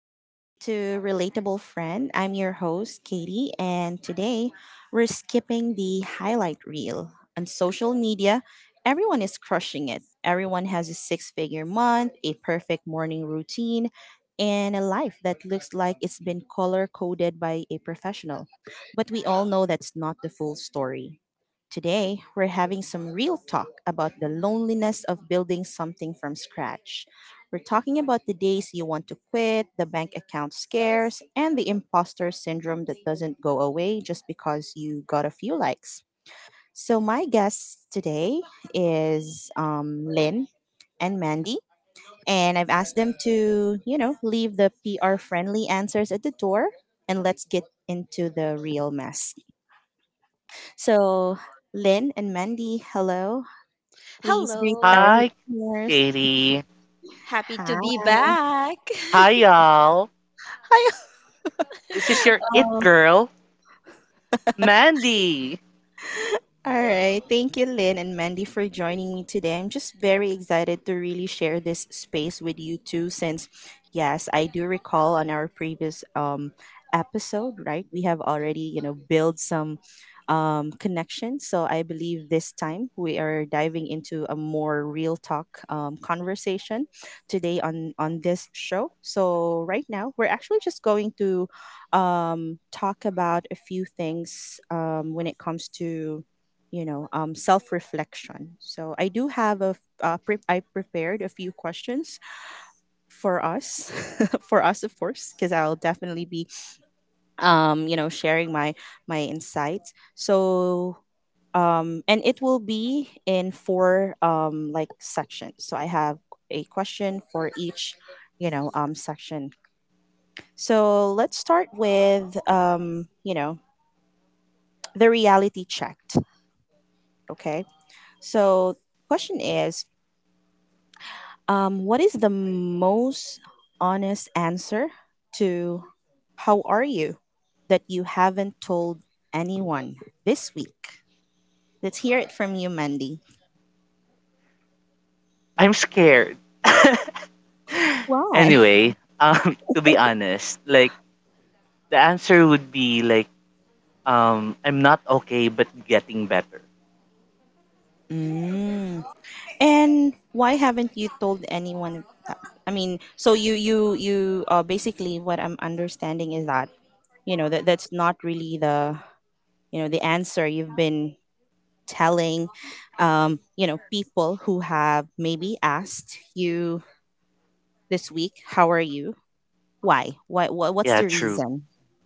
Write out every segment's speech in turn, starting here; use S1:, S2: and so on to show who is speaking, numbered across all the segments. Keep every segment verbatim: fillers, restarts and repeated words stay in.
S1: Welcome to Relatable Friend. I'm your host, Katie, and today we're skipping the highlight reel. On social media, everyone is crushing it. Everyone has a six figure month, a perfect morning routine, and a life that looks like it's been color coded by a professional. But we all know that's not the full story. Today, we're having some real talk about the loneliness of building something from scratch. We're talking about the days you want to quit, the bank account scares, and the imposter syndrome that doesn't go away just because you got a few likes. So, my guests today is um, Lynn and Mandy, and I've asked them to, you know, leave the P R friendly answers at the door and let's get into the real mess. So, Lynn and Mandy, hello. Please greet
S2: Hello.
S1: our
S3: Hi,
S1: listeners.
S3: Katie.
S2: Happy to be
S1: Hi.
S2: back.
S3: Hi, y'all.
S1: Hi.
S3: This is your it girl, Mandy.
S1: All right. Thank you, Lynn and Mandy, for joining me today. I'm just very excited to really share this space with you too, since, yes, I do recall on our previous um, episode, right? We have already, you know, built some um, connection. So I believe this time we are diving into a more real talk um, conversation today on, on this show. So right now, we're actually just going to um, talk about a few things um, when it comes to you know um, self-reflection. So I do have a f- uh, pre- I prepared a few questions for us for us, of course, because I'll definitely be um, you know sharing my my insights. So um, and it will be in four um, like sections. So I have a question for each you know um, section. So let's start with um, you know the reality checked. Okay, so question is, Um, what is the most honest answer to how are you that you haven't told anyone this week? Let's hear it from you, Mandy.
S3: I'm scared.
S1: Why?
S3: Anyway, um, to be honest, like the answer would be like, um, I'm not okay, but getting better.
S1: Mm. And why haven't you told anyone? that- I mean, so you you you uh, basically what I'm understanding is that you know that that's not really the you know the answer you've been telling um, you know people who have maybe asked you this week. How are you? Why? Why? What, what's
S3: Yeah,
S1: the
S3: true.
S1: reason?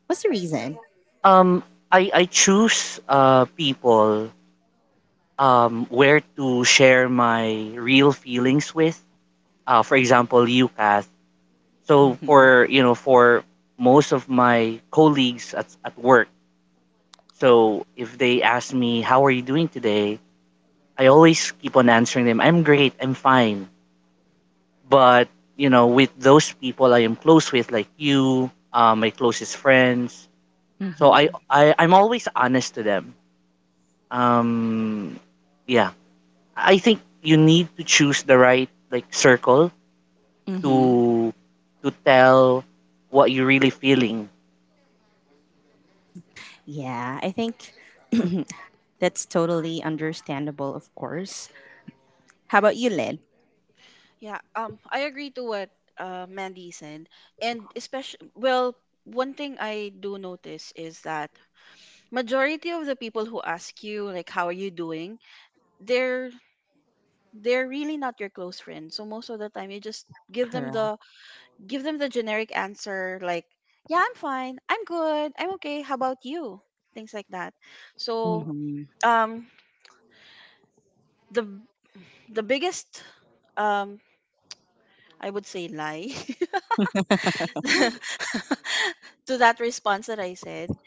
S1: What's the reason?
S3: Um, I I choose uh people um where to share my real feelings with. Uh, for example, you, Kath. So
S1: Mm-hmm.
S3: for you know for most of my colleagues at at work. So if they ask me, how are you doing today? I always keep on answering them, I'm great, I'm fine. But, you know, with those people I am close with, like you, uh, my closest friends, so I,
S1: Mm-hmm.
S3: I, I'm always honest to them. Um, yeah, I think you need to choose the right like circle
S1: Mm-hmm.
S3: to to tell what you're really feeling.
S1: Yeah, I think that's totally understandable, of course. How about you, Lynn?
S2: yeah, um I agree to what uh Mandy said, and especially, well, one thing I do notice is that majority of the people who ask you, like, how are you doing, they're they're really not your close friends. So most of the time you just give them
S1: Correct.
S2: the give them the generic answer like, yeah, I'm fine. I'm good. I'm okay. How about you? Things like that. So,
S1: Mm-hmm.
S2: um the the biggest, um I would say, lie to that response that I said,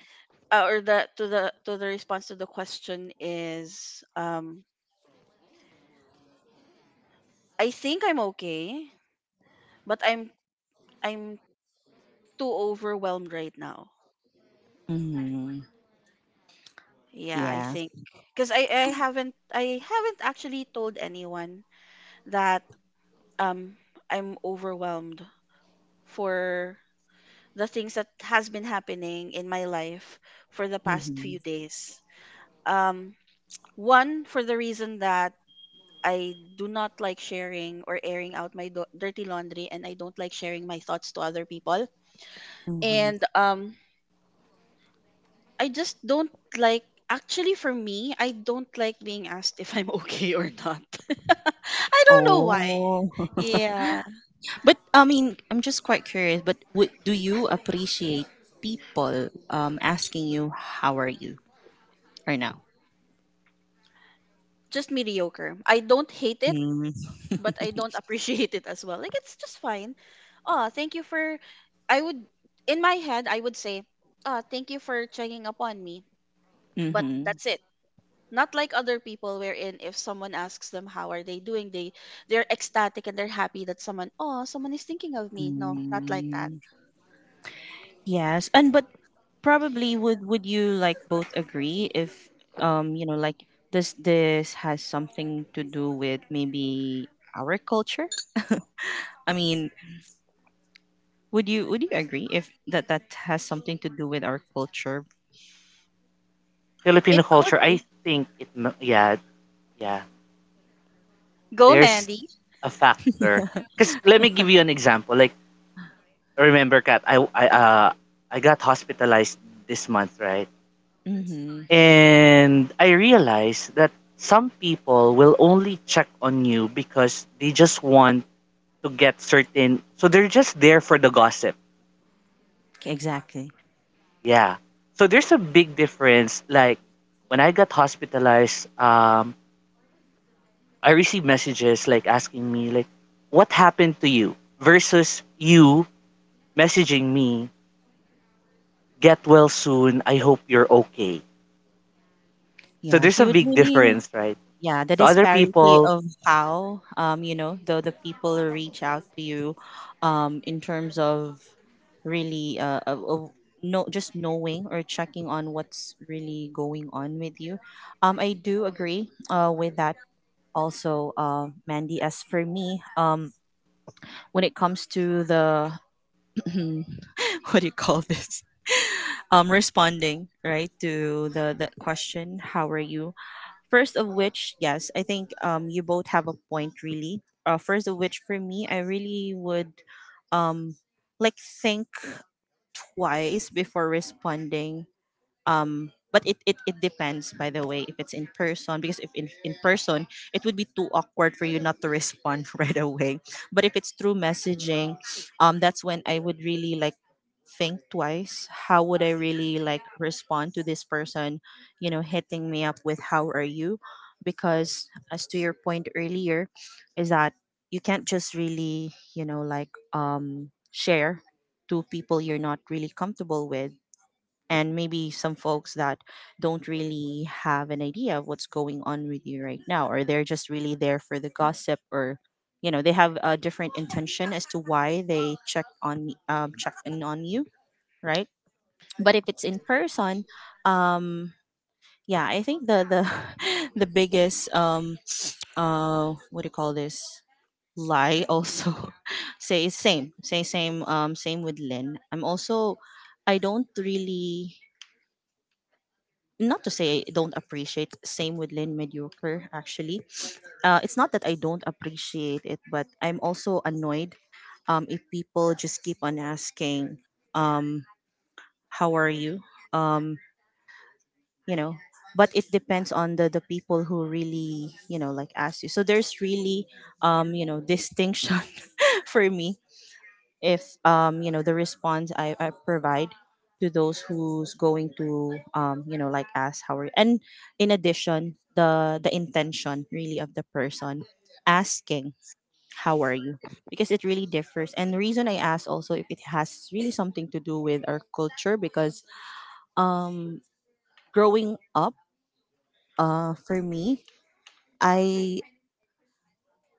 S2: uh, or the to the to the response to the question is, um, I think I'm okay, but I'm I'm too overwhelmed right now.
S1: Mm-hmm.
S2: Yeah, I
S1: Yeah.
S2: think because I I haven't I haven't actually told anyone that, um I'm overwhelmed for the things that has been happening in my life for the past
S1: Mm-hmm.
S2: few days. Um, One, for the reason that I do not like sharing or airing out my do- dirty laundry, and I don't like sharing my thoughts to other people.
S1: Mm-hmm.
S2: And, um I just don't like, actually for me, I don't like being asked if I'm okay or not. I don't know why.
S1: Oh.
S2: Yeah,
S1: But I mean, I'm just quite curious. But w- do you appreciate people um asking you how are you right now?
S2: just mediocre. I don't hate it,
S1: Mm-hmm.
S2: but I don't appreciate it as well. Like, it's just fine. Oh, thank you for, I would, in my head I would say, "Ah, thank you for checking up on me." But that's it. Not like other people wherein if someone asks them how are they doing, they they're ecstatic and they're happy that someone, oh, someone is thinking of me. No, not like that.
S1: Mm-hmm. Yes, and but probably would would you, like, both agree if um you know like this this has something to do with maybe our culture? I mean, would you would you agree if that that has something to do with our culture?
S3: Filipino
S2: It could
S3: culture, I
S2: be.
S3: think it, yeah, yeah.
S2: Go,
S3: There's
S2: Mandy.
S3: a factor. Because let me give you an example. Like remember, Kat, I I uh I got hospitalized this month, right?
S1: Mm-hmm.
S3: And I realized that some people will only check on you because they just want to get certain. So they're just there for the gossip.
S1: Exactly.
S3: Yeah. So there's a big difference. Like when I got hospitalized, um, I received messages like asking me like, "What happened to you?" versus you messaging me get well soon. I hope you're okay. So
S1: Yes,
S3: there's
S1: you
S3: a
S1: would
S3: big
S1: really.
S3: difference, right?
S1: Yeah, the
S3: So other
S1: disparity
S3: people,
S1: of how um you know the the people reach out to you um in terms of really uh of, of no just knowing or checking on what's really going on with you. um I do agree uh with that. Also, uh Mandy, as for me, um when it comes to the what do you call this um responding, right, to the the question, how are you? First of which, yes, I think um, you both have a point, really. Uh, first of which, for me, I really would, um, like, think twice before responding, um but it, it it depends, by the way, if it's in person, because if in, in person it would be too awkward for you not to respond right away. But if it's through messaging, um that's when I would really like think twice how would I really like respond to this person, you know hitting me up with how are you. Because as to your point earlier is that you can't just really, you know like um share to people you're not really comfortable with, and maybe some folks that don't really have an idea of what's going on with you right now, or they're just really there for the gossip, or you know they have a different intention as to why they check on um, check in on you, right? But if it's in person, um yeah, I think the the the biggest um uh what do you call this, lie also say is same say same um same with Lynn. I'm also, I don't really, not to say I don't appreciate. Same with Lynn. Mediocre, actually. Uh, it's not that I don't appreciate it, but I'm also annoyed um, if people just keep on asking, um, how are you? Um, you know, but it depends on the, the people who really, you know, like, ask you. So there's really, um, you know, distinction for me if um you know the response I, I provide to those who's going to, um you know like, ask how are you. And in addition, the the intention really of the person asking how are you, because it really differs. And the reason I ask also, if it has really something to do with our culture, because um growing up, uh for me, I,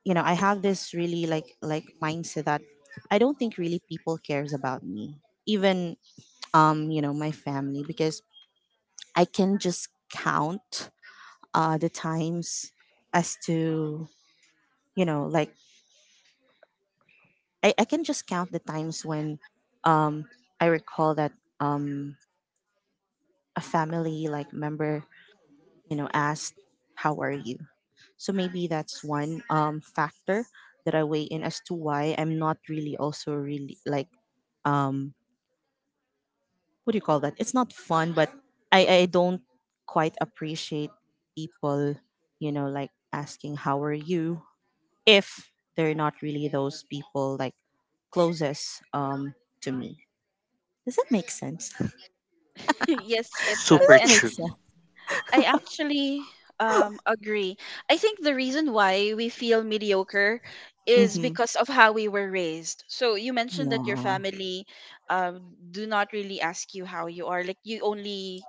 S1: you know I have this really like like mindset that I don't think really people cares about me, even, um you know my family, because I can just count uh the times as to you know like i, I can just count the times when um I recall that um a family like member you know asked how are you. So maybe that's one um factor that I weigh in as to why I'm not really also really like, um, what do you call that? It's not fun, but I I don't quite appreciate people, you know, like, asking how are you if they're not really those people like closest um to me. Does that make sense?
S2: Yes, it does.
S3: super
S1: That
S2: And
S1: makes
S3: true.
S1: sense.
S2: I actually, um, agree. I think the reason why we feel mediocre is
S1: Mm-hmm.
S2: because of how we were raised. So you mentioned that your
S1: Yeah.
S2: family, um, do not really ask you how you are. Like, you only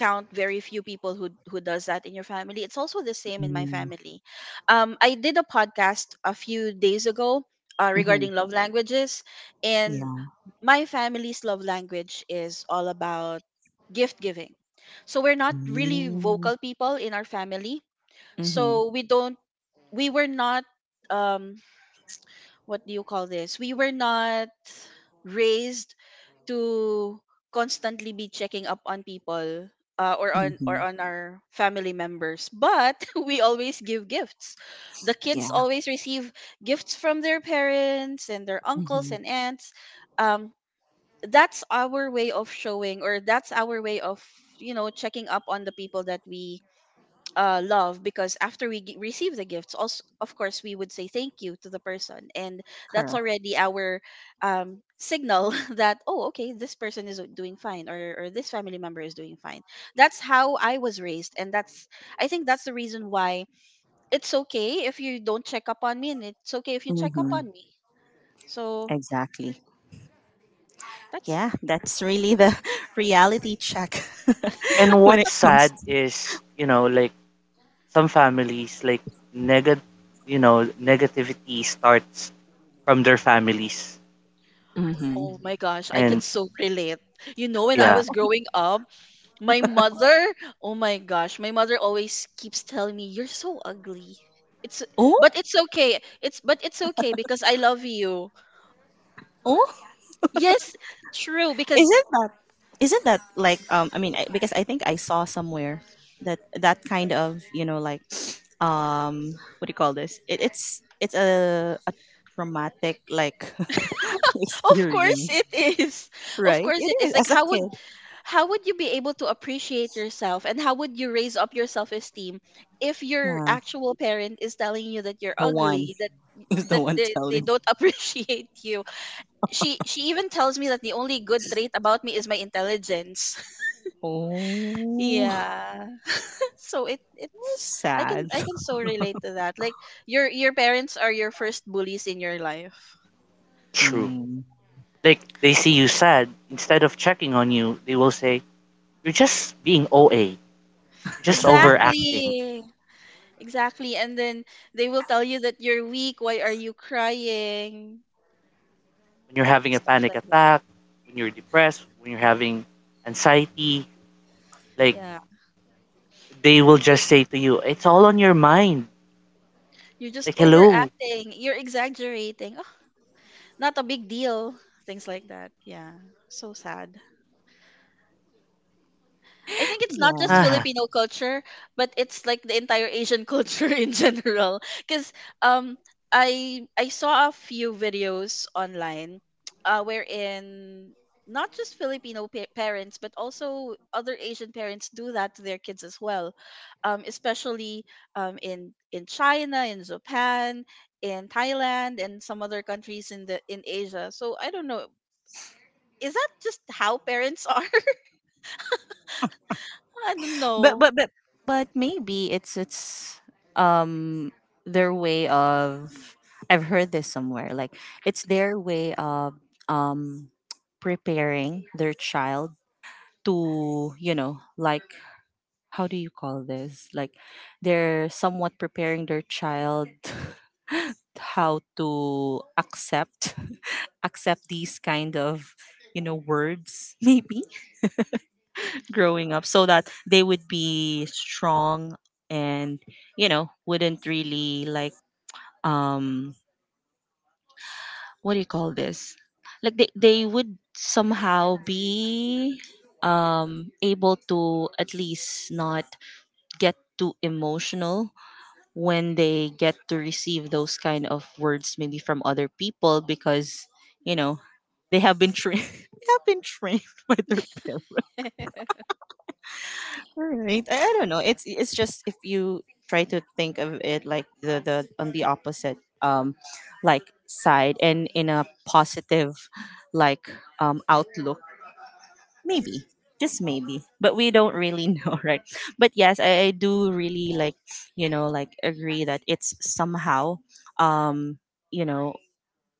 S2: count very few people who who does that in your family. It's also the same in my
S1: Mm-hmm.
S2: family. Um, I did a podcast a few days ago, uh,
S1: Mm-hmm.
S2: regarding love languages,
S1: Yeah.
S2: and my family's love language is all about gift giving. So we're not really
S1: Mm-hmm.
S2: vocal people in our family,
S1: Mm-hmm.
S2: so we don't we were not um what do you call this we were not raised to constantly be checking up on people, uh, or on or
S1: Mm-hmm.
S2: on our family members, but we always give gifts. The kids
S1: Yeah.
S2: always receive gifts from their parents and their uncles
S1: Mm-hmm.
S2: and aunts. um that's our way of showing, or that's our way of, you know, checking up on the people that we, uh, love, because after we g- receive the gifts also, of course we would say thank you to the person, and that's
S1: Correct.
S2: already our, um, signal that, oh, okay, this person is doing fine, or, or this family member is doing fine. That's how I was raised, and that's, I think that's the reason why it's okay if you don't check up on me, and it's okay if you check up on
S1: Mm-hmm.
S2: me. So
S1: Exactly.
S2: that's,
S1: Yeah, that's really the reality check
S3: And
S1: when
S3: what's
S1: it comes.
S3: sad is, you know, like some families, like neg, you know, negativity starts from their families.
S2: oh
S1: Mm-hmm.
S2: my gosh, I can
S3: And
S2: so relate. You know, when I
S3: yeah,
S2: was growing up, my mother, oh my gosh, my mother always keeps telling me, "You're so ugly." It's, but it's okay. It's, but it's okay because I love you.
S1: Oh,
S2: Yes, true, because
S1: isn't that isn't that like, um I mean, I, because I think I saw somewhere that that kind of, you know like um what do you call this? It, it's it's a a traumatic like
S2: of course
S1: experience,
S2: it is. Of
S1: right?
S2: course
S1: It
S2: it
S1: is,
S2: is. Like,
S1: as a
S2: how would,
S1: kid.
S2: how would you be able to appreciate yourself, and how would you raise up your self-esteem if your
S1: Yeah,
S2: actual parent is telling you that you're
S1: the one
S2: ugly, that
S1: is the
S2: that
S1: one
S2: they, they
S1: telling.
S2: don't appreciate you. She she even tells me that the only good trait about me is my intelligence.
S1: Oh,
S2: Yeah. So it, it's, I can,
S1: sad.
S2: I can so relate to that. Like, your your parents are your first bullies in your life.
S3: true.
S1: Mm.
S3: Like they see you sad, instead of checking on you, they will say, "You're just being O A. You're just overacting.
S2: Exactly. Exactly. And then they will tell you that you're weak, why are you crying?
S3: When you're
S2: And
S3: having a
S2: stuff
S3: panic
S2: like that.
S3: attack, when you're depressed, when you're having anxiety, like
S2: Yeah.
S3: they will
S2: You're,
S3: just say to you, 'It's all on your mind.'"
S2: you're just
S3: Like, hello,
S2: overacting. You're exaggerating. Oh, not a big deal. Things like that. Yeah. So sad. I think it's not just
S3: haha,
S2: Filipino culture, but it's like the entire Asian culture in general. Because, um, I I saw a few videos online, uh, wherein not just Filipino pa- parents but also other Asian parents do that to their kids as well, um, especially, um, in in China, in Japan, in Thailand, and some other countries in the in Asia. So I don't know. Is that just how parents are? I don't
S1: But
S2: know.
S1: but but but maybe it's it's um their way of, I've heard this somewhere, like, it's their way of um preparing their child to, you know like how do you call this, like, they're somewhat preparing their child how to accept accept these kind of, you know words maybe growing up, so that they would be strong, and, you know wouldn't really like, um what do you call this, like, they, they would somehow be um able to at least not get too emotional when they get to receive those kind of words maybe from other people, because, you know they have been trained they have been trained by their parents. All right. I, I don't know. It's it's just if you try to think of it like the the on the opposite, um like, side, and in a positive like, um outlook, maybe. Just maybe. But we don't really know, right? But yes, I, I do really like, you know, like agree that it's somehow, um you know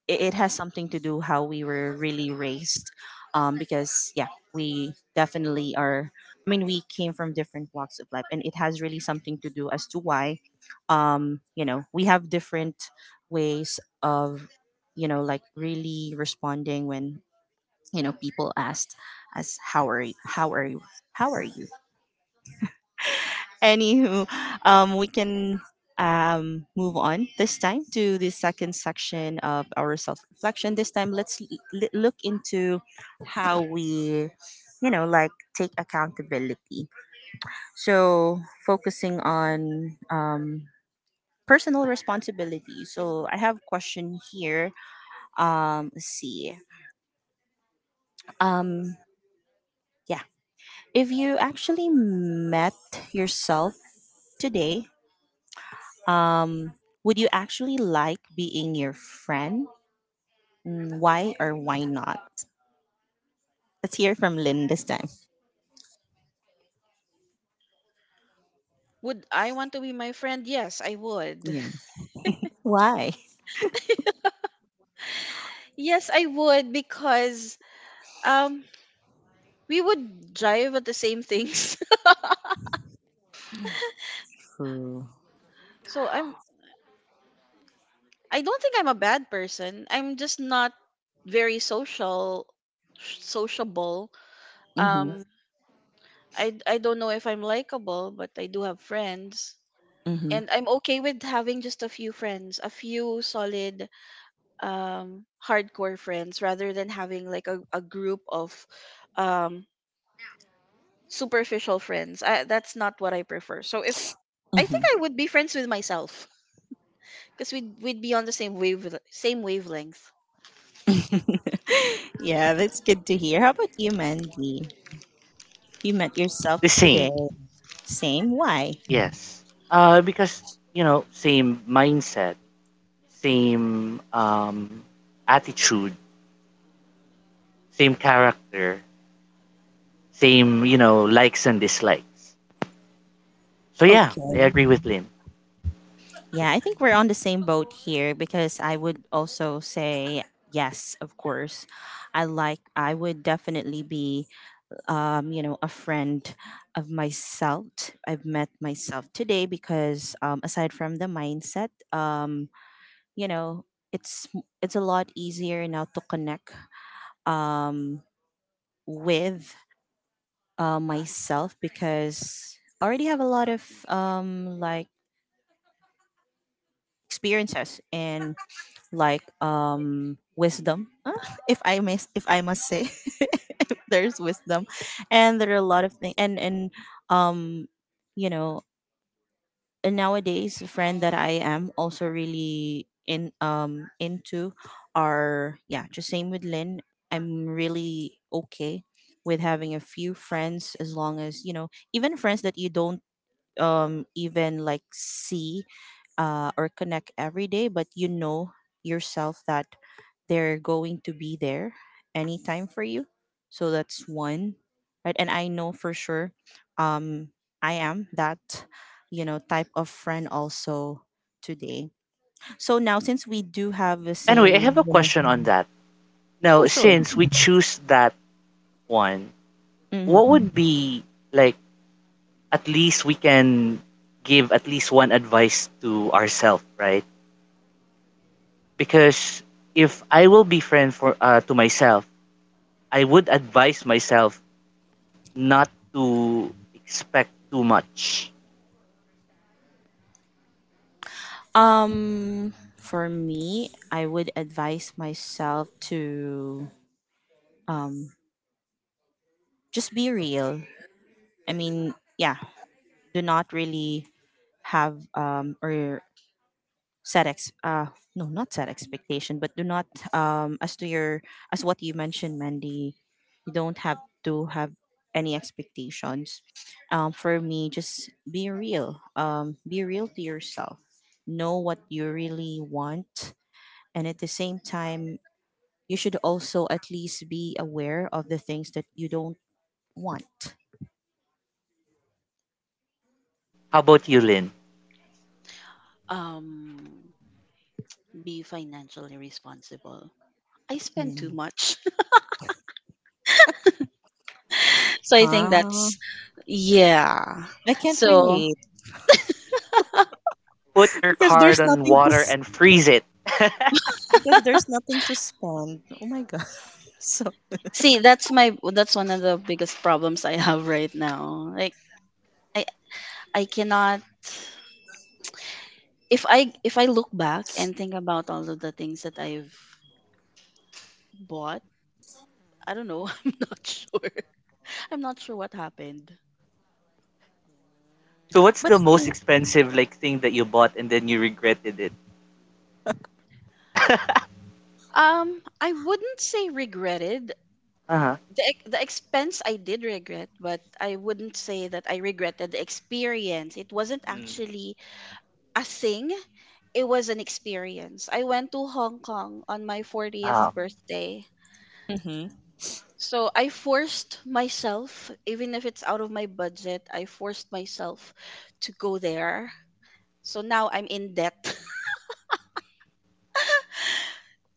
S1: it, it has something to do how we were really raised, um, because yeah, we definitely are, I mean, we came from different walks of life, and it has really something to do as to why, um, you know we have different ways of, you know like really responding when, you know people asked us, how are you how are you how are you. Anywho, um, we can um, move on this time to the second section of our self reflection. This time, let's l- l- look into how we, you know, like, take accountability. So, focusing on um, personal responsibility. So, I have question here. Um, let's see. Um, yeah. If you actually met yourself today, Um, would you actually like being your friend? Mm, Why or why not? Let's hear from Lynn this time.
S2: Would I want to be my friend? Yes, I would.
S1: Yeah. Why?
S2: Yes, I would, because, um we would drive at the same things.
S1: True.
S2: So I'm I don't think I'm a bad person. I'm just not very social sociable.
S1: Mm-hmm.
S2: Um I I don't know if I'm likable, but I do have friends,
S1: Mm-hmm.
S2: and I'm okay with having just a few friends, a few solid, um hardcore friends rather than having like a, a group of, um superficial friends. I, that's not what I prefer. So if, I think
S1: Mm-hmm.
S2: I would be friends with myself because we'd, we'd be on the same wave same wavelength.
S1: Yeah, that's good to hear. How about you, Mandy? You met
S3: the
S1: yourself today.
S3: same,
S1: Same. Why?
S3: yes. Uh, because you know, same mindset, same um, attitude, same character, same you know likes and dislikes. So yeah, I
S1: Okay.
S3: agree with Lynn.
S1: Yeah, I think we're on the same boat here, because I would also say yes, of course. I like I would definitely be, um, you know, a friend of myself. I've met myself today because um, aside from the mindset, um, you know, it's it's a lot easier now to connect um, with uh, myself because I already have a lot of um, like experiences and like um, wisdom, uh, if I may, if I must say, there's wisdom, and there are a lot of things and and um, you know and nowadays a friend that I am also really in um into are, yeah, just same with Lynn. I'm really okay with having a few friends, as long as, you know, even friends that you don't um even like see uh, or connect every day, but you know yourself that they're going to be there anytime for you. So that's one, right? And I know for sure um, I am that, you know, type of friend also today. So now since we do have the
S3: Anyway, I
S1: same,
S3: have a
S1: you know,
S3: question on that.
S1: oh,
S3: Now,
S1: sure.
S3: since we choose that one,
S1: Mhm.
S3: what would be like? At least we can give at least one advice to ourselves, right? Because if I will be friend for uh, to myself, I would advise myself not to expect too much.
S1: Um, for me, I would advise myself to um, just be real. I mean, yeah, do not really have um, or set ex uh no, not set expectation, but do not um as to your, as what you mentioned, Mandy, you don't have to have any expectations. Um for me, just be real. Um be real to yourself, know what you really want, and at the same time you should also at least be aware of the things that you don't want.
S3: How about you, Lynn?
S2: Um, be financially responsible. I spend too
S1: Mm.
S2: much, so I think that's,
S1: Ah,
S2: yeah.
S1: I can't
S2: So
S1: relate.
S3: Put your
S1: because
S3: card
S1: there's
S3: on
S1: nothing to
S3: water and freeze it.
S1: because there's nothing to spend. Oh my god. So,
S2: see, that's my, that's one of the biggest problems I have right now. Like, I I cannot, if I, if I look back and think about all of the things that I've bought, I don't know. I'm not sure. I'm not sure what happened.
S3: So what's
S1: but
S3: the
S2: So, yeah.
S3: most
S1: still,
S3: expensive like thing that you bought and then you regretted it?
S2: Um, I wouldn't say regretted
S3: Uh-huh.
S2: the ex- the expense. I did regret, but I wouldn't say that I regretted the experience. It wasn't
S3: Mm.
S2: actually a thing. It was an experience. I went to Hong Kong on my fortieth
S3: Uh,
S2: birthday. So I forced myself, even if it's out of my budget, I forced myself to go there. So now I'm in debt.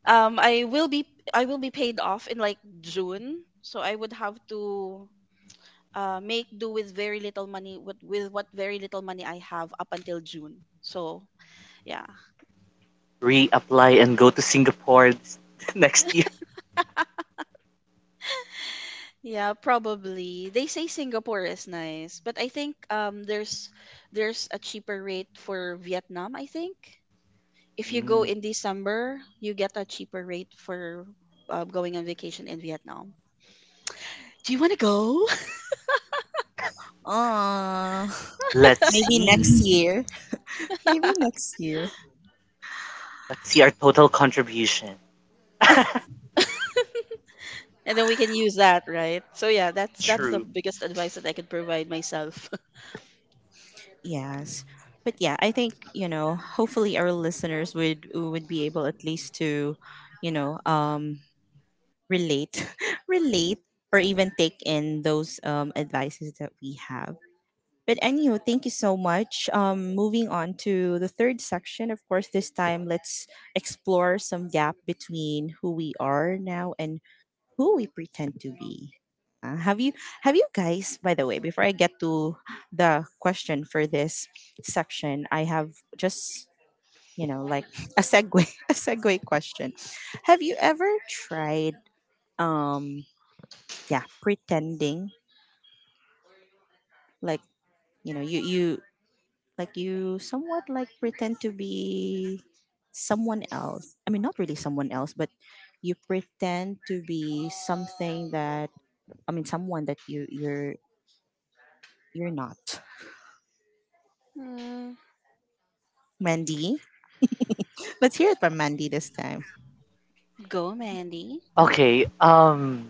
S2: um I will be I will be paid off in like June, so I would have to, uh make do with very little money, with with what very little money I have, up until June. So yeah,
S3: reapply and go to Singapore next year.
S2: yeah, probably, they say Singapore is nice, but I think, um there's there's a cheaper rate for Vietnam. I think if you go
S3: Mm.
S2: in December, you get a cheaper rate for, uh, going on vacation in Vietnam. Do you want to go?
S1: Uh,
S3: Let's
S1: maybe next
S3: see.
S1: year. Maybe next year.
S3: Let's see our total contribution.
S2: And then we can use that, right? So yeah, that's that's the
S3: True.
S2: biggest advice that I could provide myself.
S1: Yes. But yeah, I think, you know, hopefully our listeners would would be able at least to, you know, um relate, relate or even take in those um advices that we have. But anywho, thank you so much. Um moving on to the third section, of course, this time let's explore some gap between who we are now and who we pretend to be. Uh, have you, have you guys, by the way, before I get to the question for this section, I have just, you know like a segue, a segue question. Have you ever tried um yeah, pretending, like, you know you you like you somewhat like pretend to be someone else? I mean, not really someone else, but you pretend to be something that, I mean, someone that you you're you're not.
S2: Mm.
S1: Mandy? Let's hear it from Mandy this time.
S2: Go, Mandy.
S3: Okay. Um.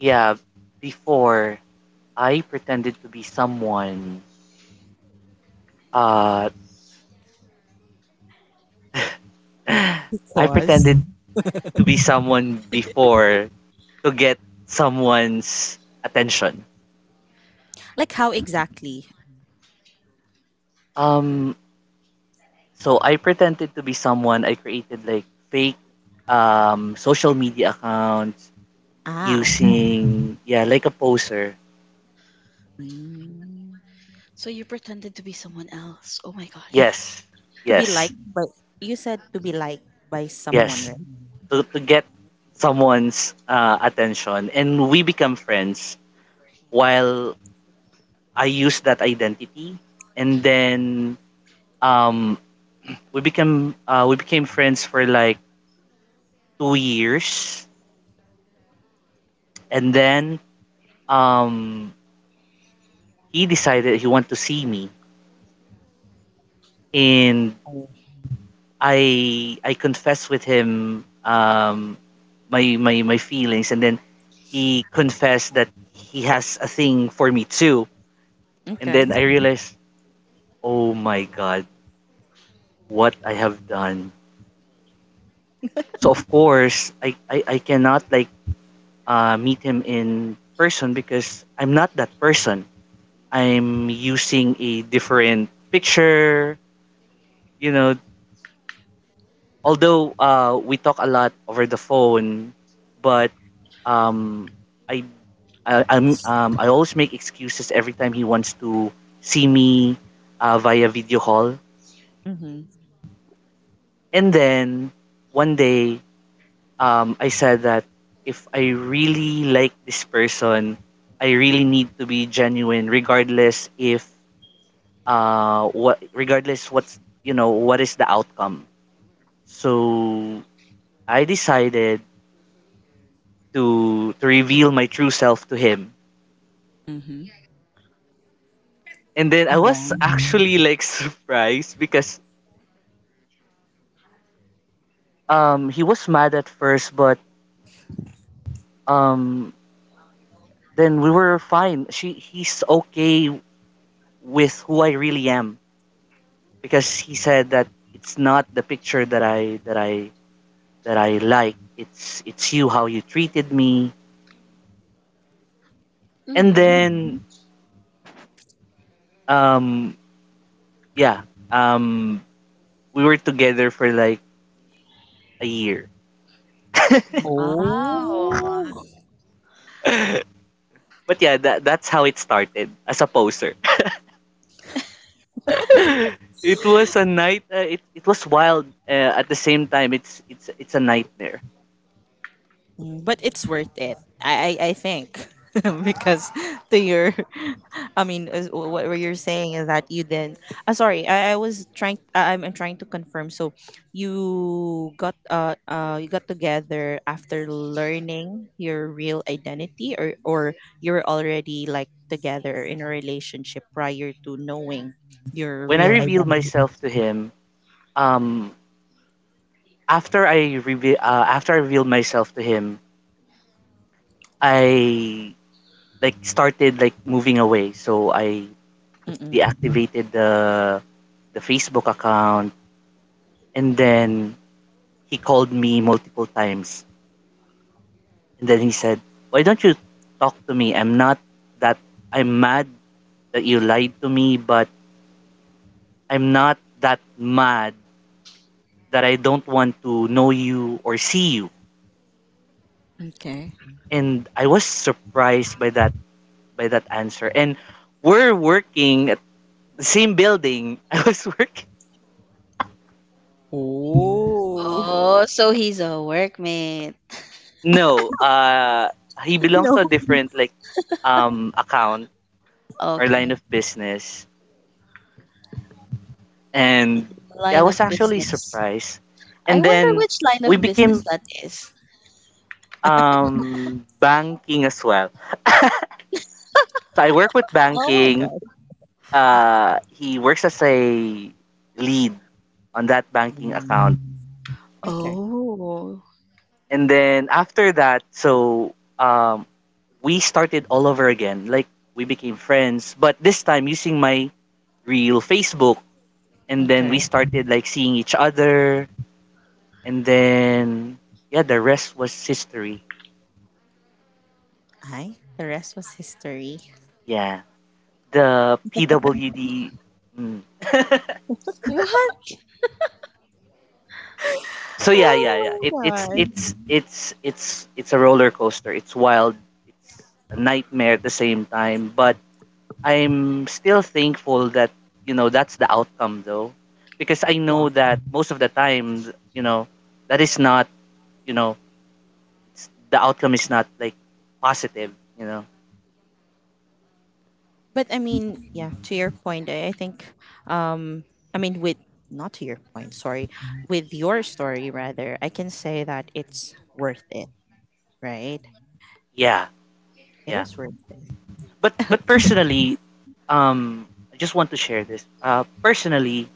S3: Yeah. Before I pretended to be someone. Uh, I
S1: Because?
S3: pretended to be someone before to get someone's attention.
S1: Like, how exactly?
S3: Um, so I pretended to be someone. I created like fake um, social media accounts
S1: Ah, okay.
S3: using yeah, like a poser.
S1: Mm.
S2: So you pretended to be someone else. Oh my gosh.
S3: Yes,
S1: To be
S3: yes,
S1: liked by, you said, to be liked by someone,
S3: yes.
S1: right?
S3: To to get someone's uh, attention, and we become friends while I use that identity and then um, we became uh, we became friends for like two years, and then um, he decided he wanted to see me, and
S1: Oh.
S3: I I confessed with him um, my my my feelings, and then he confessed that he has a thing for me too, and
S1: Okay.
S3: then I realized, oh my god, what I have done. So of course I I, I cannot like uh, meet him in person because I'm not that person. I'm using a different picture. You know, although uh, we talk a lot over the phone, but um, I, I I'm um, I always make excuses every time he wants to see me uh, via video call.
S1: Mm-hmm.
S3: And then one day, um, I said that if I really like this person, I really need to be genuine, regardless if uh what regardless what's you know what is the outcome. So I decided to to reveal my true self to him.
S1: Mm-hmm.
S3: And then I
S1: And
S3: was
S1: then,
S3: actually like surprised because um he was mad at first but um then we were fine. She he's okay with who I really am because he said that it's not the picture that I that I that I like. It's it's you how you treated me. And
S2: Mm.
S3: then um yeah, um we were together for like a year.
S2: Wow.
S1: oh.
S3: But yeah, that, that's how it started as a poser. It was a night. Uh, it, it was wild. Uh, at the same time, it's it's it's a nightmare.
S1: Mm, but it's worth it. I I, I think because to your, I mean, is- what what you're saying is that you then. Uh, sorry, I, I was trying. I, I'm I'm trying to confirm. So you got uh uh you got together after learning your real identity, or or you were already like together in a relationship prior to knowing your
S3: When I
S1: real
S3: revealed
S1: identity.
S3: myself to him, um, after I reve- uh, after I revealed myself to him, I like started like moving away. So I
S1: Mm-mm.
S3: deactivated the the Facebook account, and then he called me multiple times, and then he said, "Why don't you talk to me? I'm not that. I'm mad that you lied to me, but I'm not that mad that I don't want to know you or see you."
S1: Okay.
S3: And I was surprised by that by that answer. And we're working at the same building. I was working.
S1: Oh,
S2: Oh, so he's a workmate.
S3: No, uh, he belongs
S1: no!
S3: to a different like um account or
S2: Okay.
S3: line of business. And I
S2: Line
S3: was
S2: of
S3: actually
S2: business.
S3: surprised.
S2: I
S3: And
S2: wonder
S3: then
S2: which line
S3: we
S2: of business
S3: became
S2: that is.
S3: um banking as well. So I work with
S1: Oh my
S3: banking,
S1: god.
S3: uh, he works as a lead on that banking account.
S1: Mm, okay.
S2: Oh.
S3: And then after that, so um, we started all over again. Like we became friends, but this time using my real Facebook. And then
S1: Okay.
S3: we started like seeing each other. And then, yeah, the rest was history.
S1: Hi. The rest was history.
S3: Yeah. The P W D. Mm,
S2: What?
S3: so yeah, yeah, yeah.
S1: Oh
S3: It,
S1: my
S3: it's
S1: god.
S3: it's it's it's it's a roller coaster. It's wild. It's a nightmare at the same time. But I'm still thankful that you know that's the outcome though, because I know that most of the time you know that is not you know it's, the outcome is not like positive. You know.
S1: But I mean, yeah, to your point, I, I think um I mean with, not to your point, sorry, with your story rather, I can say that it's worth it, right?
S3: Yeah,
S1: It
S3: yeah.
S1: is worth it.
S3: But but
S1: Okay.
S3: personally, um, I just want to share this. Uh, personally,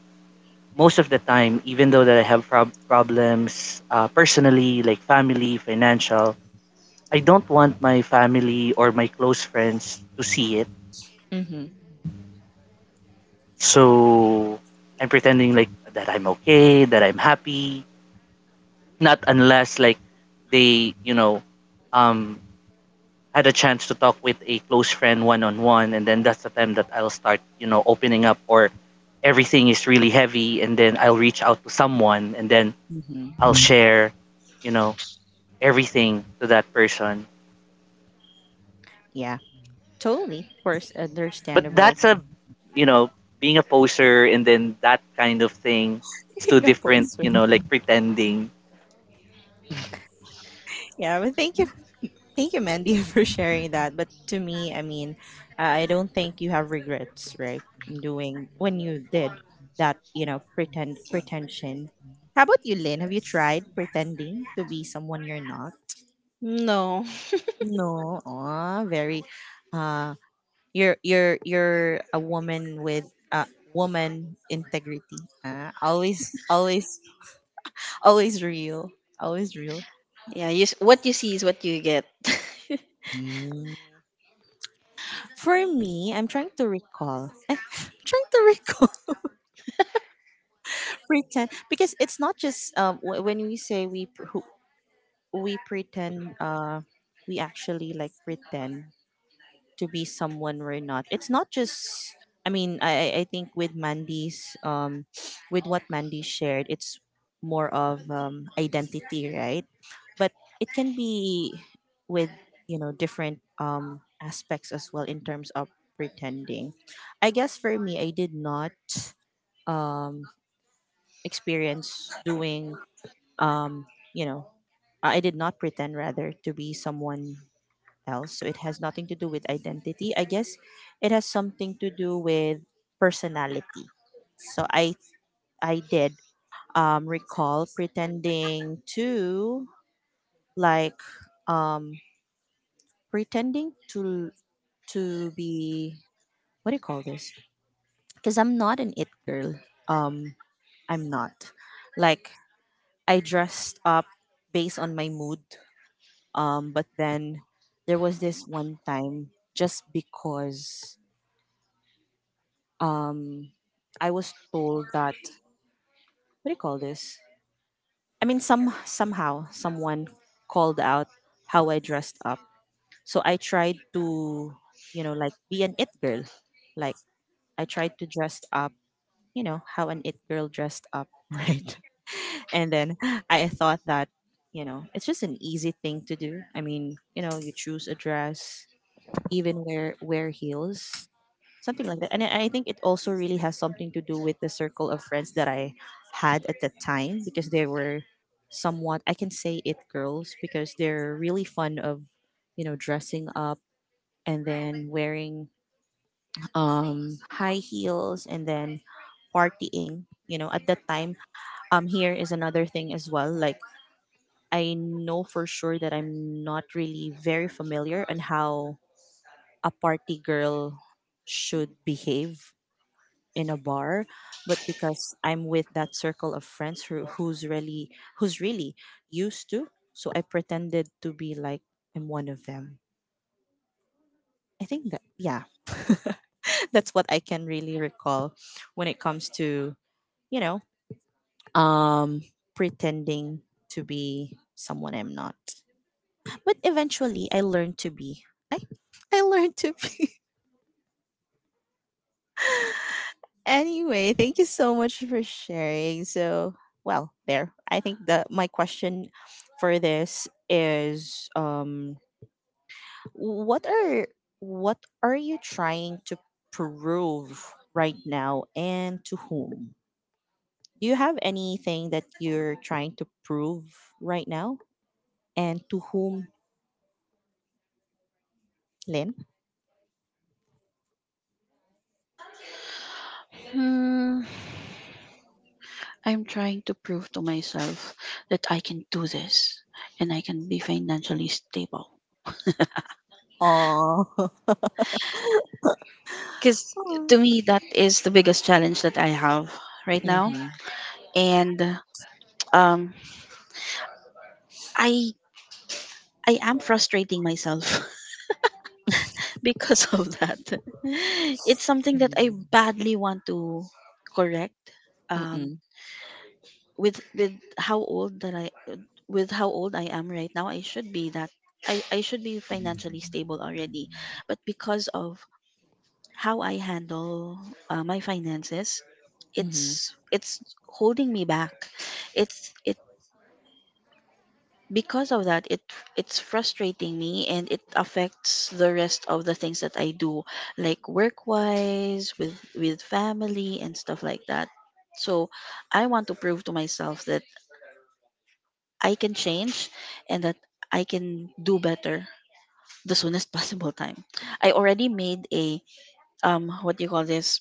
S3: most of the time, even though that I have prob- problems uh, personally, like family, financial, I don't want my family or my close friends to see it.
S1: Mhm.
S3: So I'm pretending like that I'm okay, that I'm happy. Not unless like they, you know, um, had a chance to talk with a close friend one on one, and then that's the time that I'll start, you know, opening up or everything is really heavy, and then I'll reach out to someone, and then
S1: Mhm.
S3: I'll share, you know, everything to that person.
S1: Yeah. Totally. Of course,
S3: But
S1: understandable.
S3: that's a, you know, being a poser and then that kind of thing. It's too
S1: Being a
S3: different,
S1: poster.
S3: you know, like pretending.
S1: Yeah, but thank you thank you, Mandy, for sharing that. But to me, I mean, uh, I don't think you have regrets, right? In doing, when you did that, you know, pretend pretension. How about you, Lynn? Have you tried pretending to be someone you're not?
S2: No.
S1: No, aw, very. Uh, you're you're you're a woman with, uh, woman integrity. Uh, always, always, always real, always real.
S2: Yeah, you s- what you see is what you get.
S1: Mm. For me, I'm trying to recall. I'm trying to recall. pretend because it's not just um w- when we say we pr- who- we pretend, uh we actually like pretend to be someone we're not, it's not just, I mean, i i I think with Mandy's um with what Mandy shared, it's more of um identity, right? But it can be with, you know, different um aspects as well in terms of pretending. I guess for me, I did not um experience doing um, you know, I did not pretend rather to be someone else. So it has nothing to do with identity. I guess it has something to do with personality. So I I did um, recall pretending to like um, pretending to to be, what do you call this? Because I'm not an it girl. Um, I'm not. Like, I dressed up based on my mood. Um, but then there was this one time just because um, I was told that, what do you call this? I mean, some, somehow someone called out how I dressed up. So I tried to, you know, like, be an it girl. Like, I tried to dress up, you know, how an it girl dressed up, right? And then I thought that, you know, it's just an easy thing to do. I mean, you know, you choose a dress, even wear wear heels, something like that. And i I think it also really has something to do with the circle of friends that I had at that time because they were somewhat, I can say, it girls, because they're really fun of, you know, dressing up and then wearing um high heels and then partying, you know, at that time. Um here is another thing as well. Like, I know for sure that I'm not really very familiar on how a party girl should behave in a bar, but because I'm with that circle of friends who who's really who's really used to, so I pretended to be like I'm one of them. I think that, yeah, that's what I can really recall when it comes to, you know, um pretending to be someone I'm not. But eventually I learned to be, i I learned to be Anyway, thank you so much for sharing. So, well, there. I think that my question for this is, um what are, what are you trying to prove right now and to whom? Do you have anything that you're trying to prove right now and to whom, Lynn?
S2: Hmm. I'm trying to prove to myself that I can do this and I can be financially stable.
S1: Oh.
S2: Because to me, that is the biggest challenge that I have right now.
S1: Mhm.
S2: And, um, I, I am frustrating myself because of that. It's something that I
S1: Mhm.
S2: badly want to correct. Um,
S1: Mm-mm.
S2: with with how old that I with how old I am right now, I should be that, I, I should be financially stable already. But because of how I handle, uh, my finances,
S1: Mhm.
S2: It's it's holding me back. It's it, because of that, it, it's frustrating me, and it affects the rest of the things that I do, like work wise, with with family and stuff like that. So I want to prove to myself that I can change, and that I can do better the soonest possible time. I already made a, um what do you call this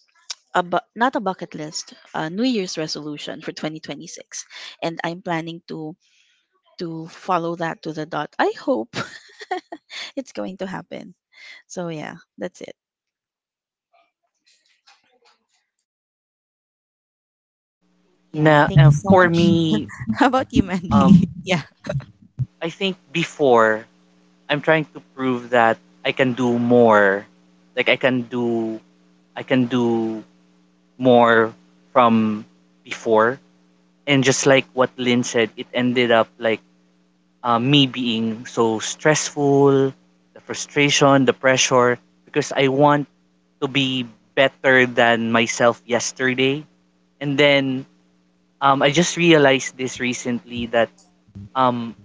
S2: a bu- not a bucket list, a New Year's resolution for twenty twenty-six, and I'm planning to to follow that to the dot. I hope it's going to happen. So yeah, that's it.
S1: Yeah,
S3: Now,
S1: thank
S3: uh,
S1: you so
S3: for
S1: much.
S3: me,
S1: How about you, Mandy?
S3: um,
S1: Yeah.
S3: I think before I'm trying to prove that I can do more. Like I can do, I can do more from before. And just like what Lynn said, it ended up like uh, me being so stressful, the frustration, the pressure, because I want to be better than myself yesterday. And then um, I just realized this recently that um,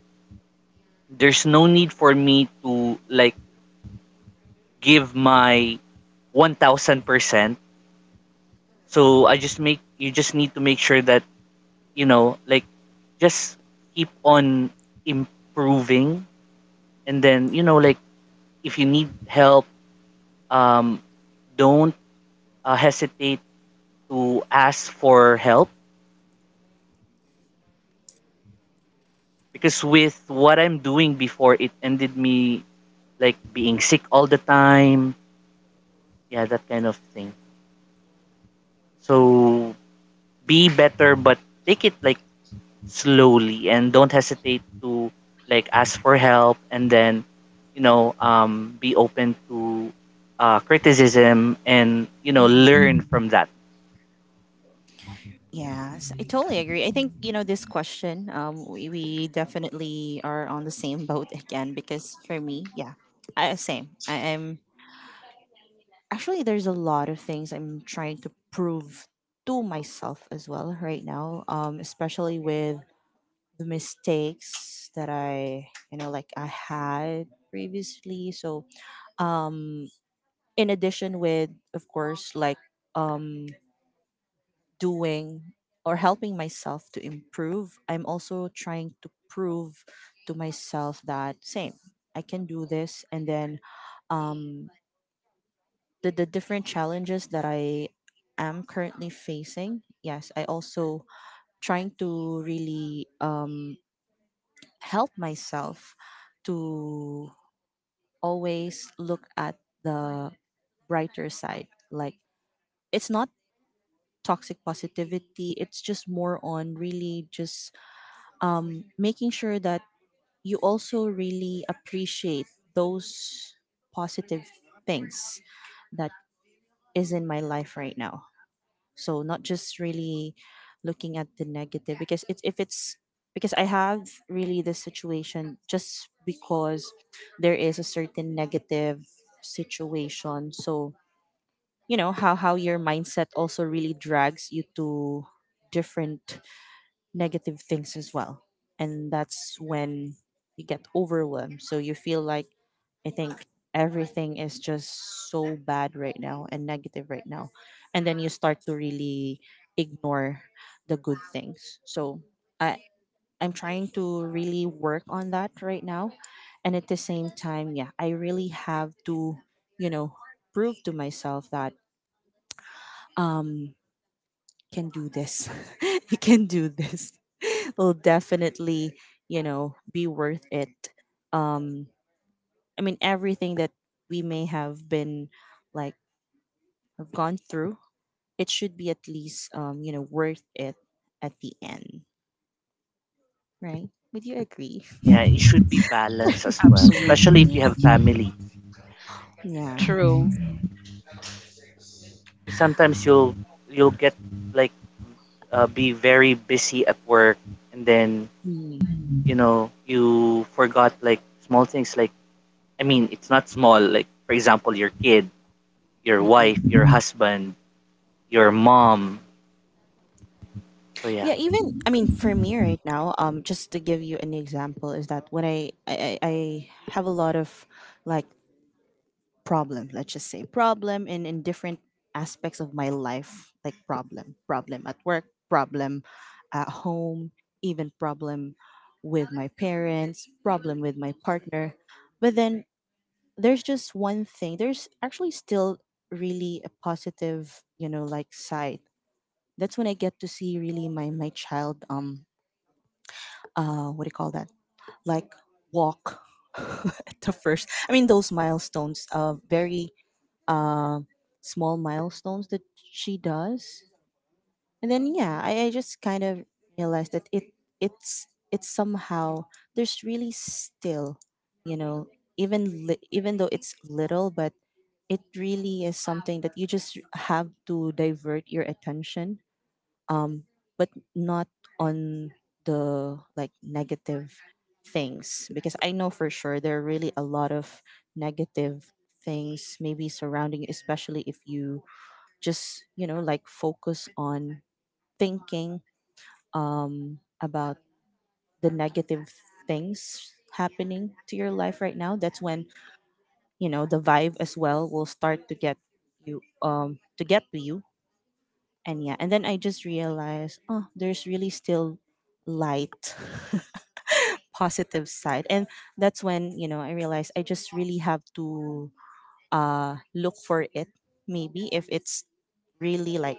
S3: there's no need for me to like give my one thousand percent. So I just make, you just need to make sure that, you know, like just keep on improving. And then, you know, like if you need help, um, don't uh, hesitate to ask for help because with what I'm doing before, it ended me like being sick all the time. Yeah, that kind of thing. So be better, but take it like slowly and don't hesitate to like ask for help and then you know um, be open to uh, criticism and you know
S1: Mhm.
S3: learn from that.
S1: Yes, I totally agree. I think, you know, this question, um, we, we definitely are on the same boat again because for me, yeah, I, same. I am actually, there's a lot of things I'm trying to prove to myself as well right now, um, especially with the mistakes that I, you know, like I had previously. So, um, in addition with, of course, like, um, doing or helping myself to improve, I'm also trying to prove to myself that same, I can do this. And then um, the, the different challenges that I am currently facing, yes, I also trying to really um, help myself to always look at the brighter side. Like, it's not toxic positivity, it's just more on really just um, making sure that you also really appreciate those positive things that is in my life right now. So not just really looking at the negative because it's if it's because I have really this situation just because there is a certain negative situation. So you know how how your mindset also really drags you to different negative things as well. And that's when you get overwhelmed. So you feel like, I think everything is just so bad right now and negative right now. And then you start to really ignore the good things. So I, I'm trying to really work on that right now. And at the same time, yeah, I really have to, you know, prove to myself that um, can do this. You can do this. Will definitely, you know, be worth it. Um, I mean, everything that we may have been like have gone through, it should be at least, um, you know, worth it at the end, right? Would you agree?
S3: Yeah, it should be balanced as well, especially if you
S2: Absolutely
S3: have family.
S1: Yeah.
S2: true.
S3: Sometimes you'll you'll get like uh, be very busy at work and then
S1: Mm.
S3: you know you forgot like small things like I mean it's not small like for example your kid, your
S1: Mm-mm.
S3: wife, your husband, your mom. So yeah,
S1: Yeah, even I mean for me right now, um, just to give you an example is that when I I, I I have a lot of like problem, let's just say problem in in different aspects of my life, like problem problem at work, problem at home, even problem with my parents, problem with my partner, but then there's just one thing, there's actually still really a positive, you know, like, side. That's when I get to see really my my child, um, uh, what do you call that, like, walk at the first, I mean, those milestones, uh, very um, small milestones that she does. And then yeah, I, I just kind of realized that it it's it's somehow there's really still, you know, even li- even though it's little, but it really is something that you just have to divert your attention um but not on the like negative things, because I know for sure there are really a lot of negative things maybe surrounding, especially if you just you know like focus on thinking um about the negative things happening to your life right now. That's when you know the vibe as well will start to get you um to get to you. And yeah, and then I just realized, oh, there's really still light, positive side. And that's when you know I realized I just really have to uh look for it. Maybe if it's really like,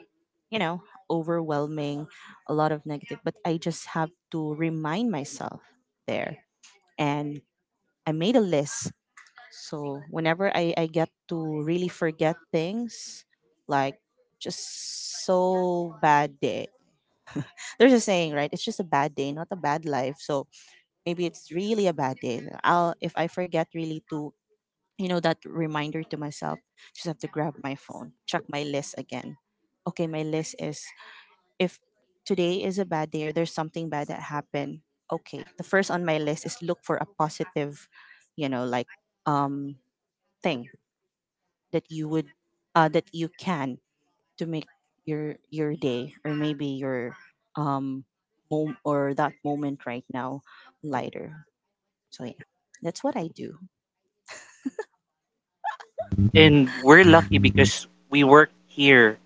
S1: you know overwhelming a lot of negative, but I just have to remind myself there. And I made a list, so whenever I, I get to really forget things, like just so bad day. There's a saying, right? It's just a bad day, not a bad life. So maybe it's really a bad day. I'll, if I forget really to, you know that reminder to myself, just have to grab my phone, check my list again. Okay, my list is, if today is a bad day or there's something bad that happened. Okay, the first on my list is look for a positive, you know, like um thing that you would uh, that you can to make your your day or maybe your um mom- or that moment right now lighter. So yeah, that's what I do.
S3: and we're lucky because we work here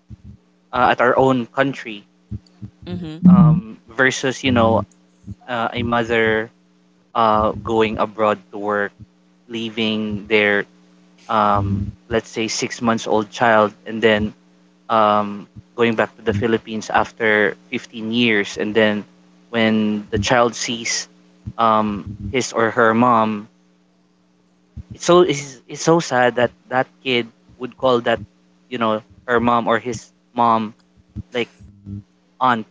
S3: uh, at our own country,
S1: Mm-hmm.
S3: um, versus you know uh, a mother uh, going abroad to work, leaving their um, let's say six months old child and then um, going back to the Philippines after fifteen years, and then when the child sees um, his or her mom, it's so it's, it's so sad that that kid would call that you know her mom or his mom like aunt.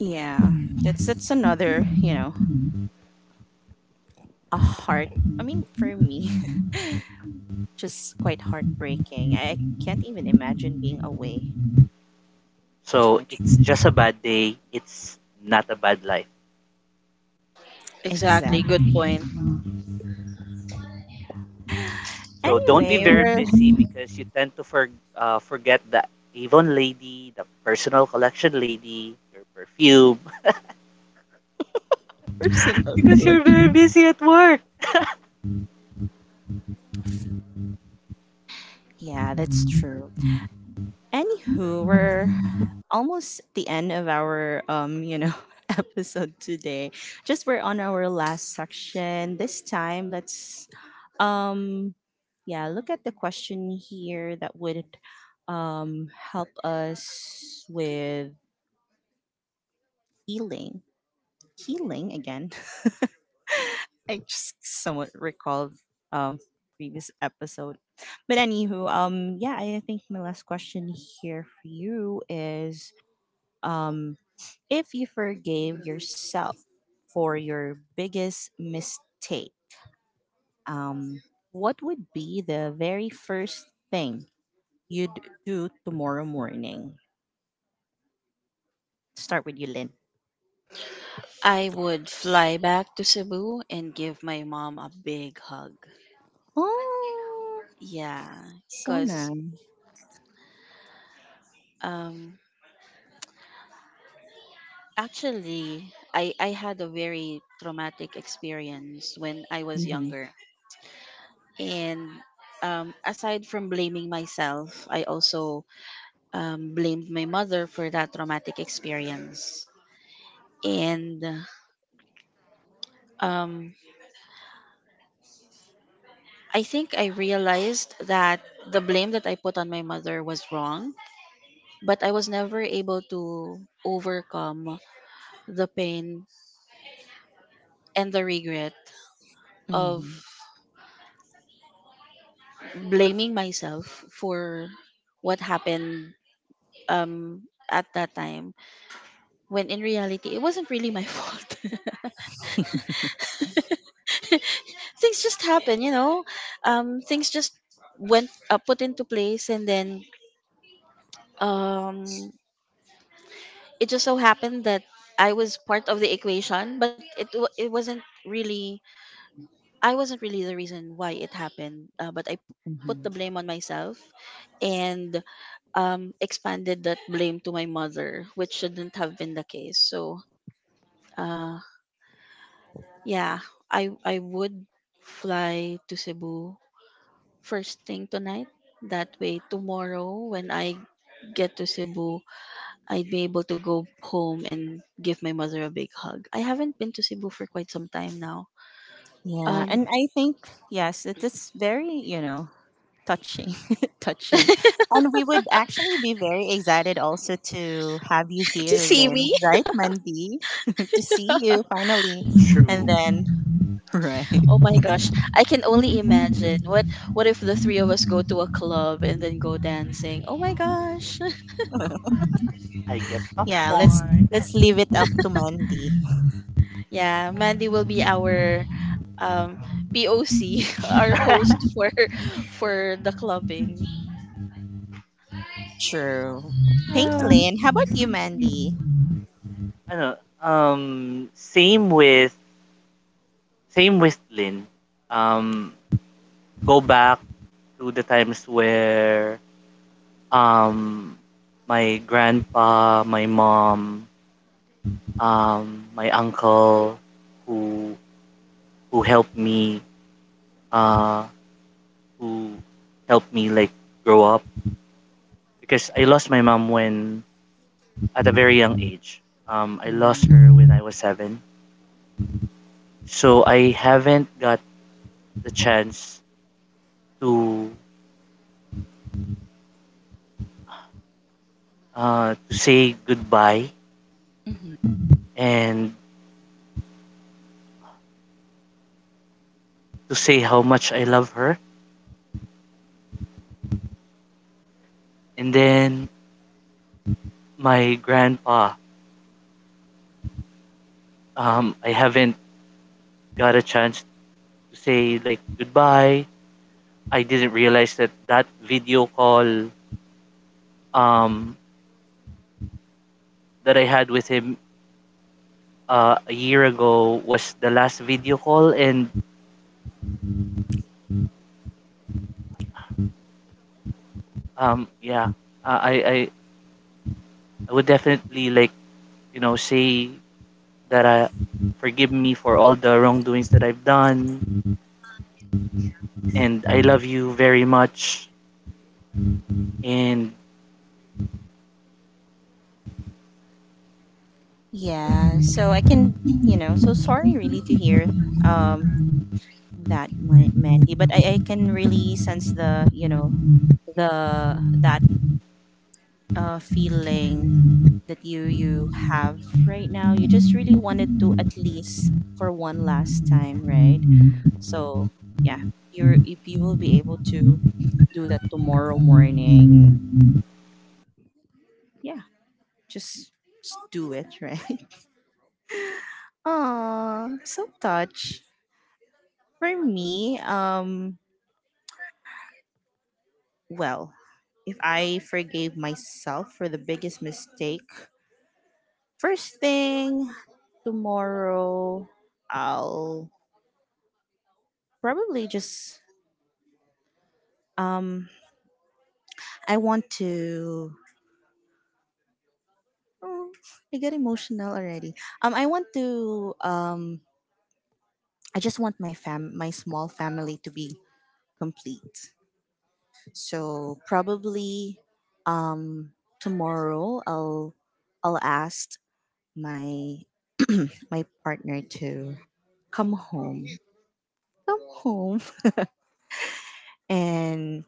S1: Yeah, that's that's another, you know a heart, I mean, for me, just quite heartbreaking. I can't even imagine being away to
S3: So
S1: my
S3: it's
S1: children.
S3: just a bad day. It's not a bad life.
S2: Exactly. Good
S1: Exactly.
S2: point.
S3: So don't be
S1: Anyway,
S3: very
S1: we're
S3: busy because you tend to for, uh, forget the Avon lady, the personal collection lady, your perfume
S1: personal
S3: because you're
S1: collection.
S3: very busy at work.
S1: Yeah, that's true. Anywho, we're almost the end of our um you know episode today. Just we're on our last section this time. Let's um yeah, look at the question here that would um help us with healing. Healing again. I just somewhat recall um previous episode, but anywho, um yeah, I think my last question here for you is, um if you forgave yourself for your biggest mistake, um, what would be the very first thing you'd do tomorrow morning? Start with you, Lynn.
S2: I would fly back to Cebu and give my mom a big hug.
S1: Oh,
S2: Yeah,
S1: so
S2: because,
S1: nice.
S2: um, actually, I, I had a very traumatic experience when I was
S1: Mm-hmm.
S2: younger. And, um, aside from blaming myself, I also, um, blamed my mother for that traumatic experience. And, um, I think I realized that the blame that I put on my mother was wrong, but I was never able to overcome the pain and the regret of
S1: Mm-hmm.
S2: blaming myself for what happened, um, at that time, when in reality, it wasn't really my fault. Things just happen, you know. Um, things just went, uh, put into place, and then, um, it just so happened that I was part of the equation, but it wa- it wasn't really, I wasn't really the reason why it happened. Uh, but I p- put the
S1: Mm-hmm.
S2: blame on myself and, um, expanded that blame to my mother, which shouldn't have been the case. So, uh, yeah, I I would fly to Cebu first thing tonight. That way, tomorrow when I get to Cebu, I'd be able to go home and give my mother a big hug. I haven't been to Cebu for quite some time now.
S1: Yeah,
S2: Um,
S1: and I think yes, it is very, you know touching, touching, and we would actually be very excited also to have you
S2: to
S1: here,
S2: see
S1: Lynn.
S2: me?
S1: Right, Mandy? To see you finally. And
S3: True.
S1: then right.
S2: Oh my gosh, I can only imagine. What what if the three of us go to a club and then go dancing? Oh my gosh.
S3: I get a
S1: Yeah, let's
S3: point.
S1: let's leave it up to Mandy.
S2: Yeah, Mandy will be our, um P O C, our host for for the clubbing.
S1: True. Thank you,
S3: Know.
S1: Lynn. How about you, Mandy?
S3: um, same with, same with Lynn. Um, Go back to the times where, um, my grandpa, my mom, um, my uncle, who, who helped me, uh, who helped me, like, grow up. Because I lost my mom when, at a very young age. Um, I lost
S1: Mm.
S3: her when I was seven. So I haven't got the chance to uh, to say goodbye
S1: Hmm.
S3: and to say how much I love her. And then my grandpa, um, I haven't got a chance to say like goodbye. I didn't realize that that video call um, that I had with him uh, a year ago was the last video call, and um, yeah, I, I I would definitely like you know say that I forgive me for all the wrongdoings that I've done, and I love you very much. And
S1: Yeah. So I can, you know, so sorry really to hear um that, Ma- Mandy, but I, I can really sense the, you know, the, that uh feeling that you you have right now. You just really wanted to, at least for one last time, right? So yeah, you're, if you will be able to do that tomorrow morning, yeah, just, just do it, right? Aw, so touch. For me, um, well, if I forgave myself for the biggest mistake, first thing tomorrow, I'll probably just um, I want to. Oh, I get emotional already. Um, I want to, um I just want my fam my small family to be complete. So probably um tomorrow I'll I'll ask my my partner to come home. Come home and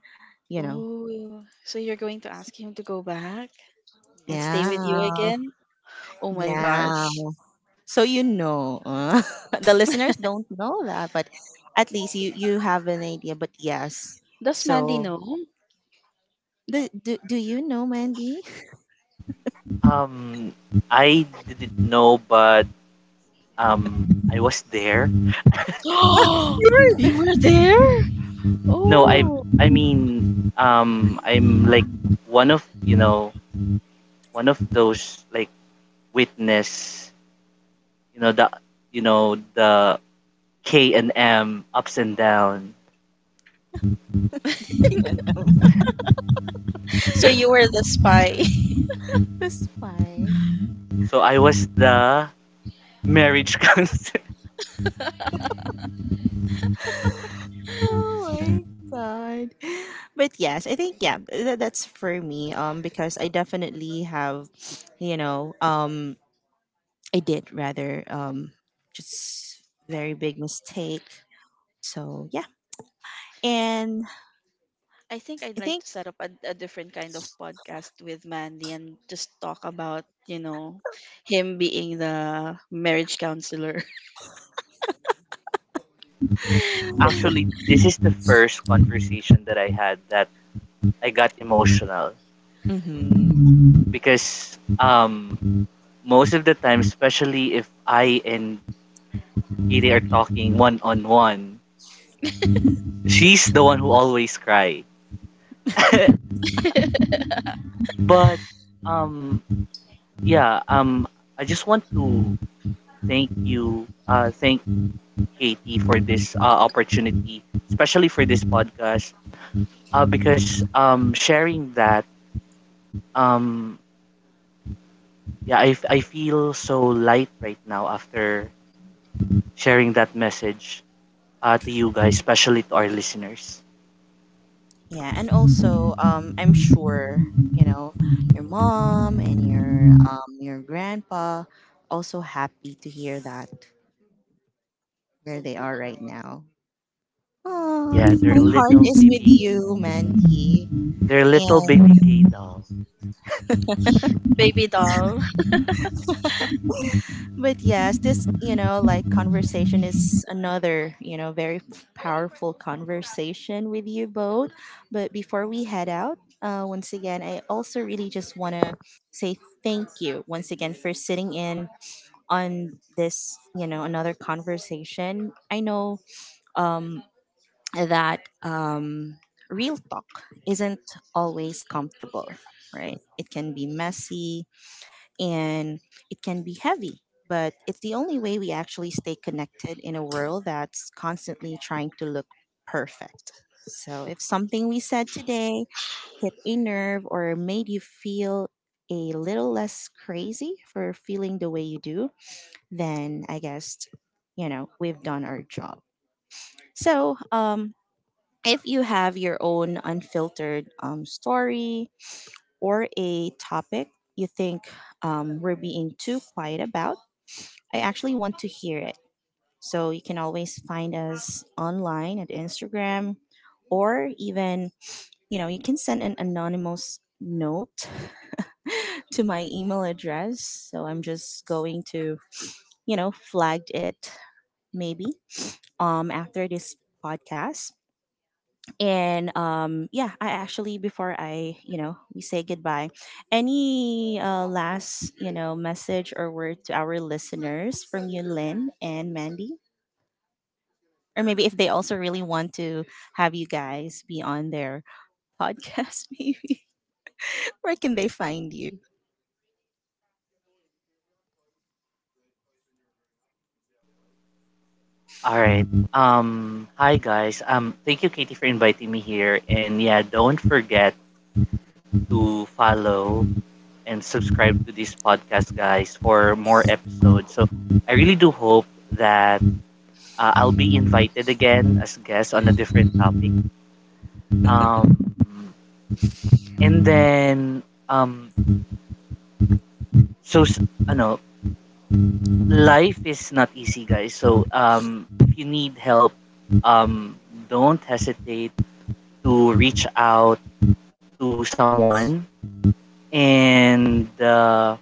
S1: you know
S2: Ooh, so you're going to ask him to go back? And stay with you
S1: yeah.
S2: again? Oh my
S1: Yeah,
S2: gosh.
S1: so you know uh, the listeners don't know that, but at least you you have an idea, but yes.
S2: Does Mandy
S1: So
S2: know?
S1: do, do, do you know, Mandy?
S3: um, I didn't know, but um, I was there.
S2: You
S1: Yes,
S2: were there?
S3: No, I
S2: Oh.
S3: I mean um, I'm like one of you know one of those like witness you know the you know the K and M ups and down.
S1: to K and M.
S2: So you were the spy.
S1: That's why.
S3: So I was the marriage counselor.
S1: Oh my god. But yes, I think yeah, tha- that's for me, um because I definitely have, you know, um I did rather um just very big mistake. So, yeah. And
S2: I think I'd
S1: I
S2: like
S1: think
S2: to set up a, a different kind of podcast with Mandy and just talk about, you know, him being the marriage counselor.
S3: Actually this is the first conversation that I had that I got emotional
S1: hmm.
S3: because um most of the time, especially if I and Katie are talking one on one, she's the one who always cry. But um yeah, um I just want to thank you uh thank Katie for this uh, opportunity, especially for this podcast uh because um sharing that um yeah, I, f- I feel so light right now after sharing that message uh, to you guys, especially to our listeners.
S1: Yeah, and also, um I'm sure, you know, your mom and your um your grandpa also happy to hear that where they are right now. Oh,
S3: Yeah, they're
S1: my heart
S3: little
S1: is with
S3: baby,
S1: you, Mandy.
S3: they're little
S1: And,
S3: baby gay doll.
S2: Baby doll.
S1: but yes, this, you know like conversation is another, you know very powerful conversation with you both. But before we head out, uh, once again, I also really just want to say thank you once again for sitting in on this, you know another conversation. I know um that um, real talk isn't always comfortable, right? It can be messy and it can be heavy, but it's the only way we actually stay connected in a world that's constantly trying to look perfect. So if something we said today hit a nerve or made you feel a little less crazy for feeling the way you do, then I guess, you know, we've done our job. So, um, if you have your own unfiltered um, story or a topic you think um, we're being too quiet about, I actually want to hear it. So you can always find us online at Instagram, or even, you know, you can send an anonymous note to my email address. So I'm just going to, you know, flag it maybe um, after this podcast. And um yeah, I actually, before I, you know we say goodbye, any uh, last, you know message or word to our listeners from you, Lynn and Mandy? Or maybe if they also really want to have you guys be on their podcast, maybe where can they find you?
S3: All right. Um, hi guys. Um, thank you, Katie, for inviting me here. And yeah, don't forget to follow and subscribe to this podcast, guys, for more episodes. So I really do hope that uh, I'll be invited again as guest on a different topic. Um, And then um so s- ano, life is not easy, guys. So um if you need help, um don't hesitate to reach out to someone and uh,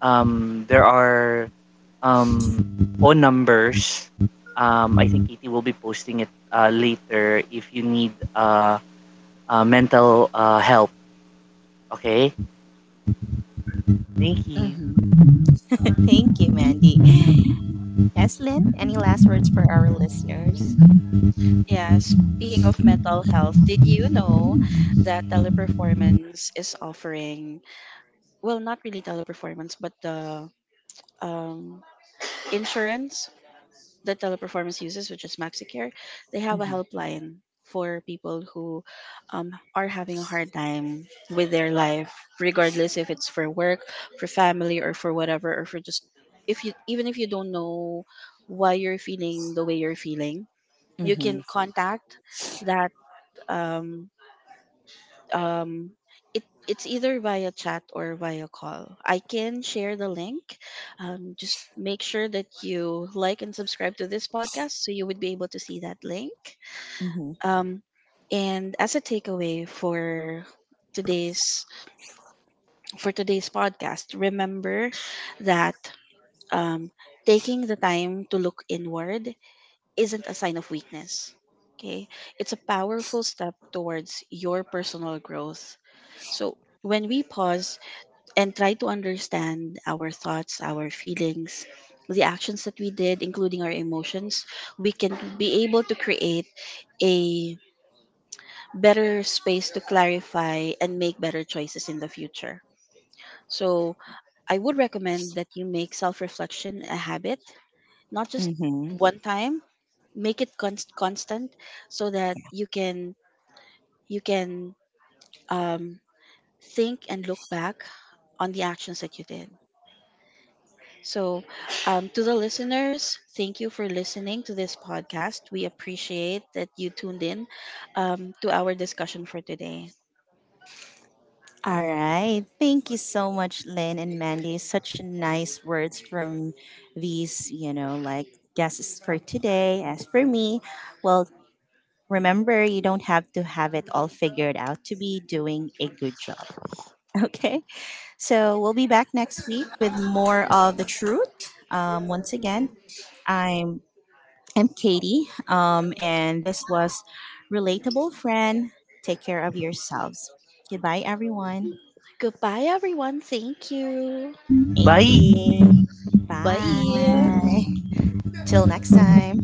S3: um there are um phone numbers. Um, I think Katie will be posting it uh, later if you need uh, uh mental uh help, okay? Thank you.
S1: Hmm. Thank you, Mandy. Yes, Lynn, any last words for our listeners?
S2: Yeah, speaking of mental health, did you know that Teleperformance is offering, well, not really Teleperformance but the, um, insurance that Teleperformance uses, which is Maxicare, they have a
S1: Hmm.
S2: helpline for people who, um, are having a hard time with their life, regardless if it's for work, for family, or for whatever, or for just, if you, even if you don't know why you're feeling the way you're feeling, you can
S1: Hmm.
S2: contact that, um, um it, it's either via chat or via call. I can share the link. Um, just make sure that you like and subscribe to this podcast so you would be able to see that link.
S1: Hmm.
S2: Um, and as a takeaway for today's for today's podcast, remember that, um, taking the time to look inward isn't a sign of weakness. Okay. It's a powerful step towards your personal growth. So when we pause and try to understand our thoughts, our feelings, the actions that we did, including our emotions, we can be able to create a better space to clarify and make better choices in the future. So, I would recommend that you make self reflection a habit, not just
S1: Hmm.
S2: one time, make it const- constant so that you can you can, um, think and look back on the actions that you did. So, um, to the listeners, thank you for listening to this podcast. We appreciate that you tuned in, um, to our discussion for today.
S1: All right. Thank you so much, Lynn and Mandy. Such nice words from these, you know, like guests for today. As for me, well, remember, you don't have to have it all figured out to be doing a good job. Okay. So we'll be back next week with more of the truth. Um, once again, I'm I'm Katie, um, and this was Relatable Friend. Take care of yourselves. Goodbye, everyone.
S2: Goodbye, everyone. Thank you.
S1: Thank you.
S3: Bye.
S2: Bye.
S1: Bye. Till next time.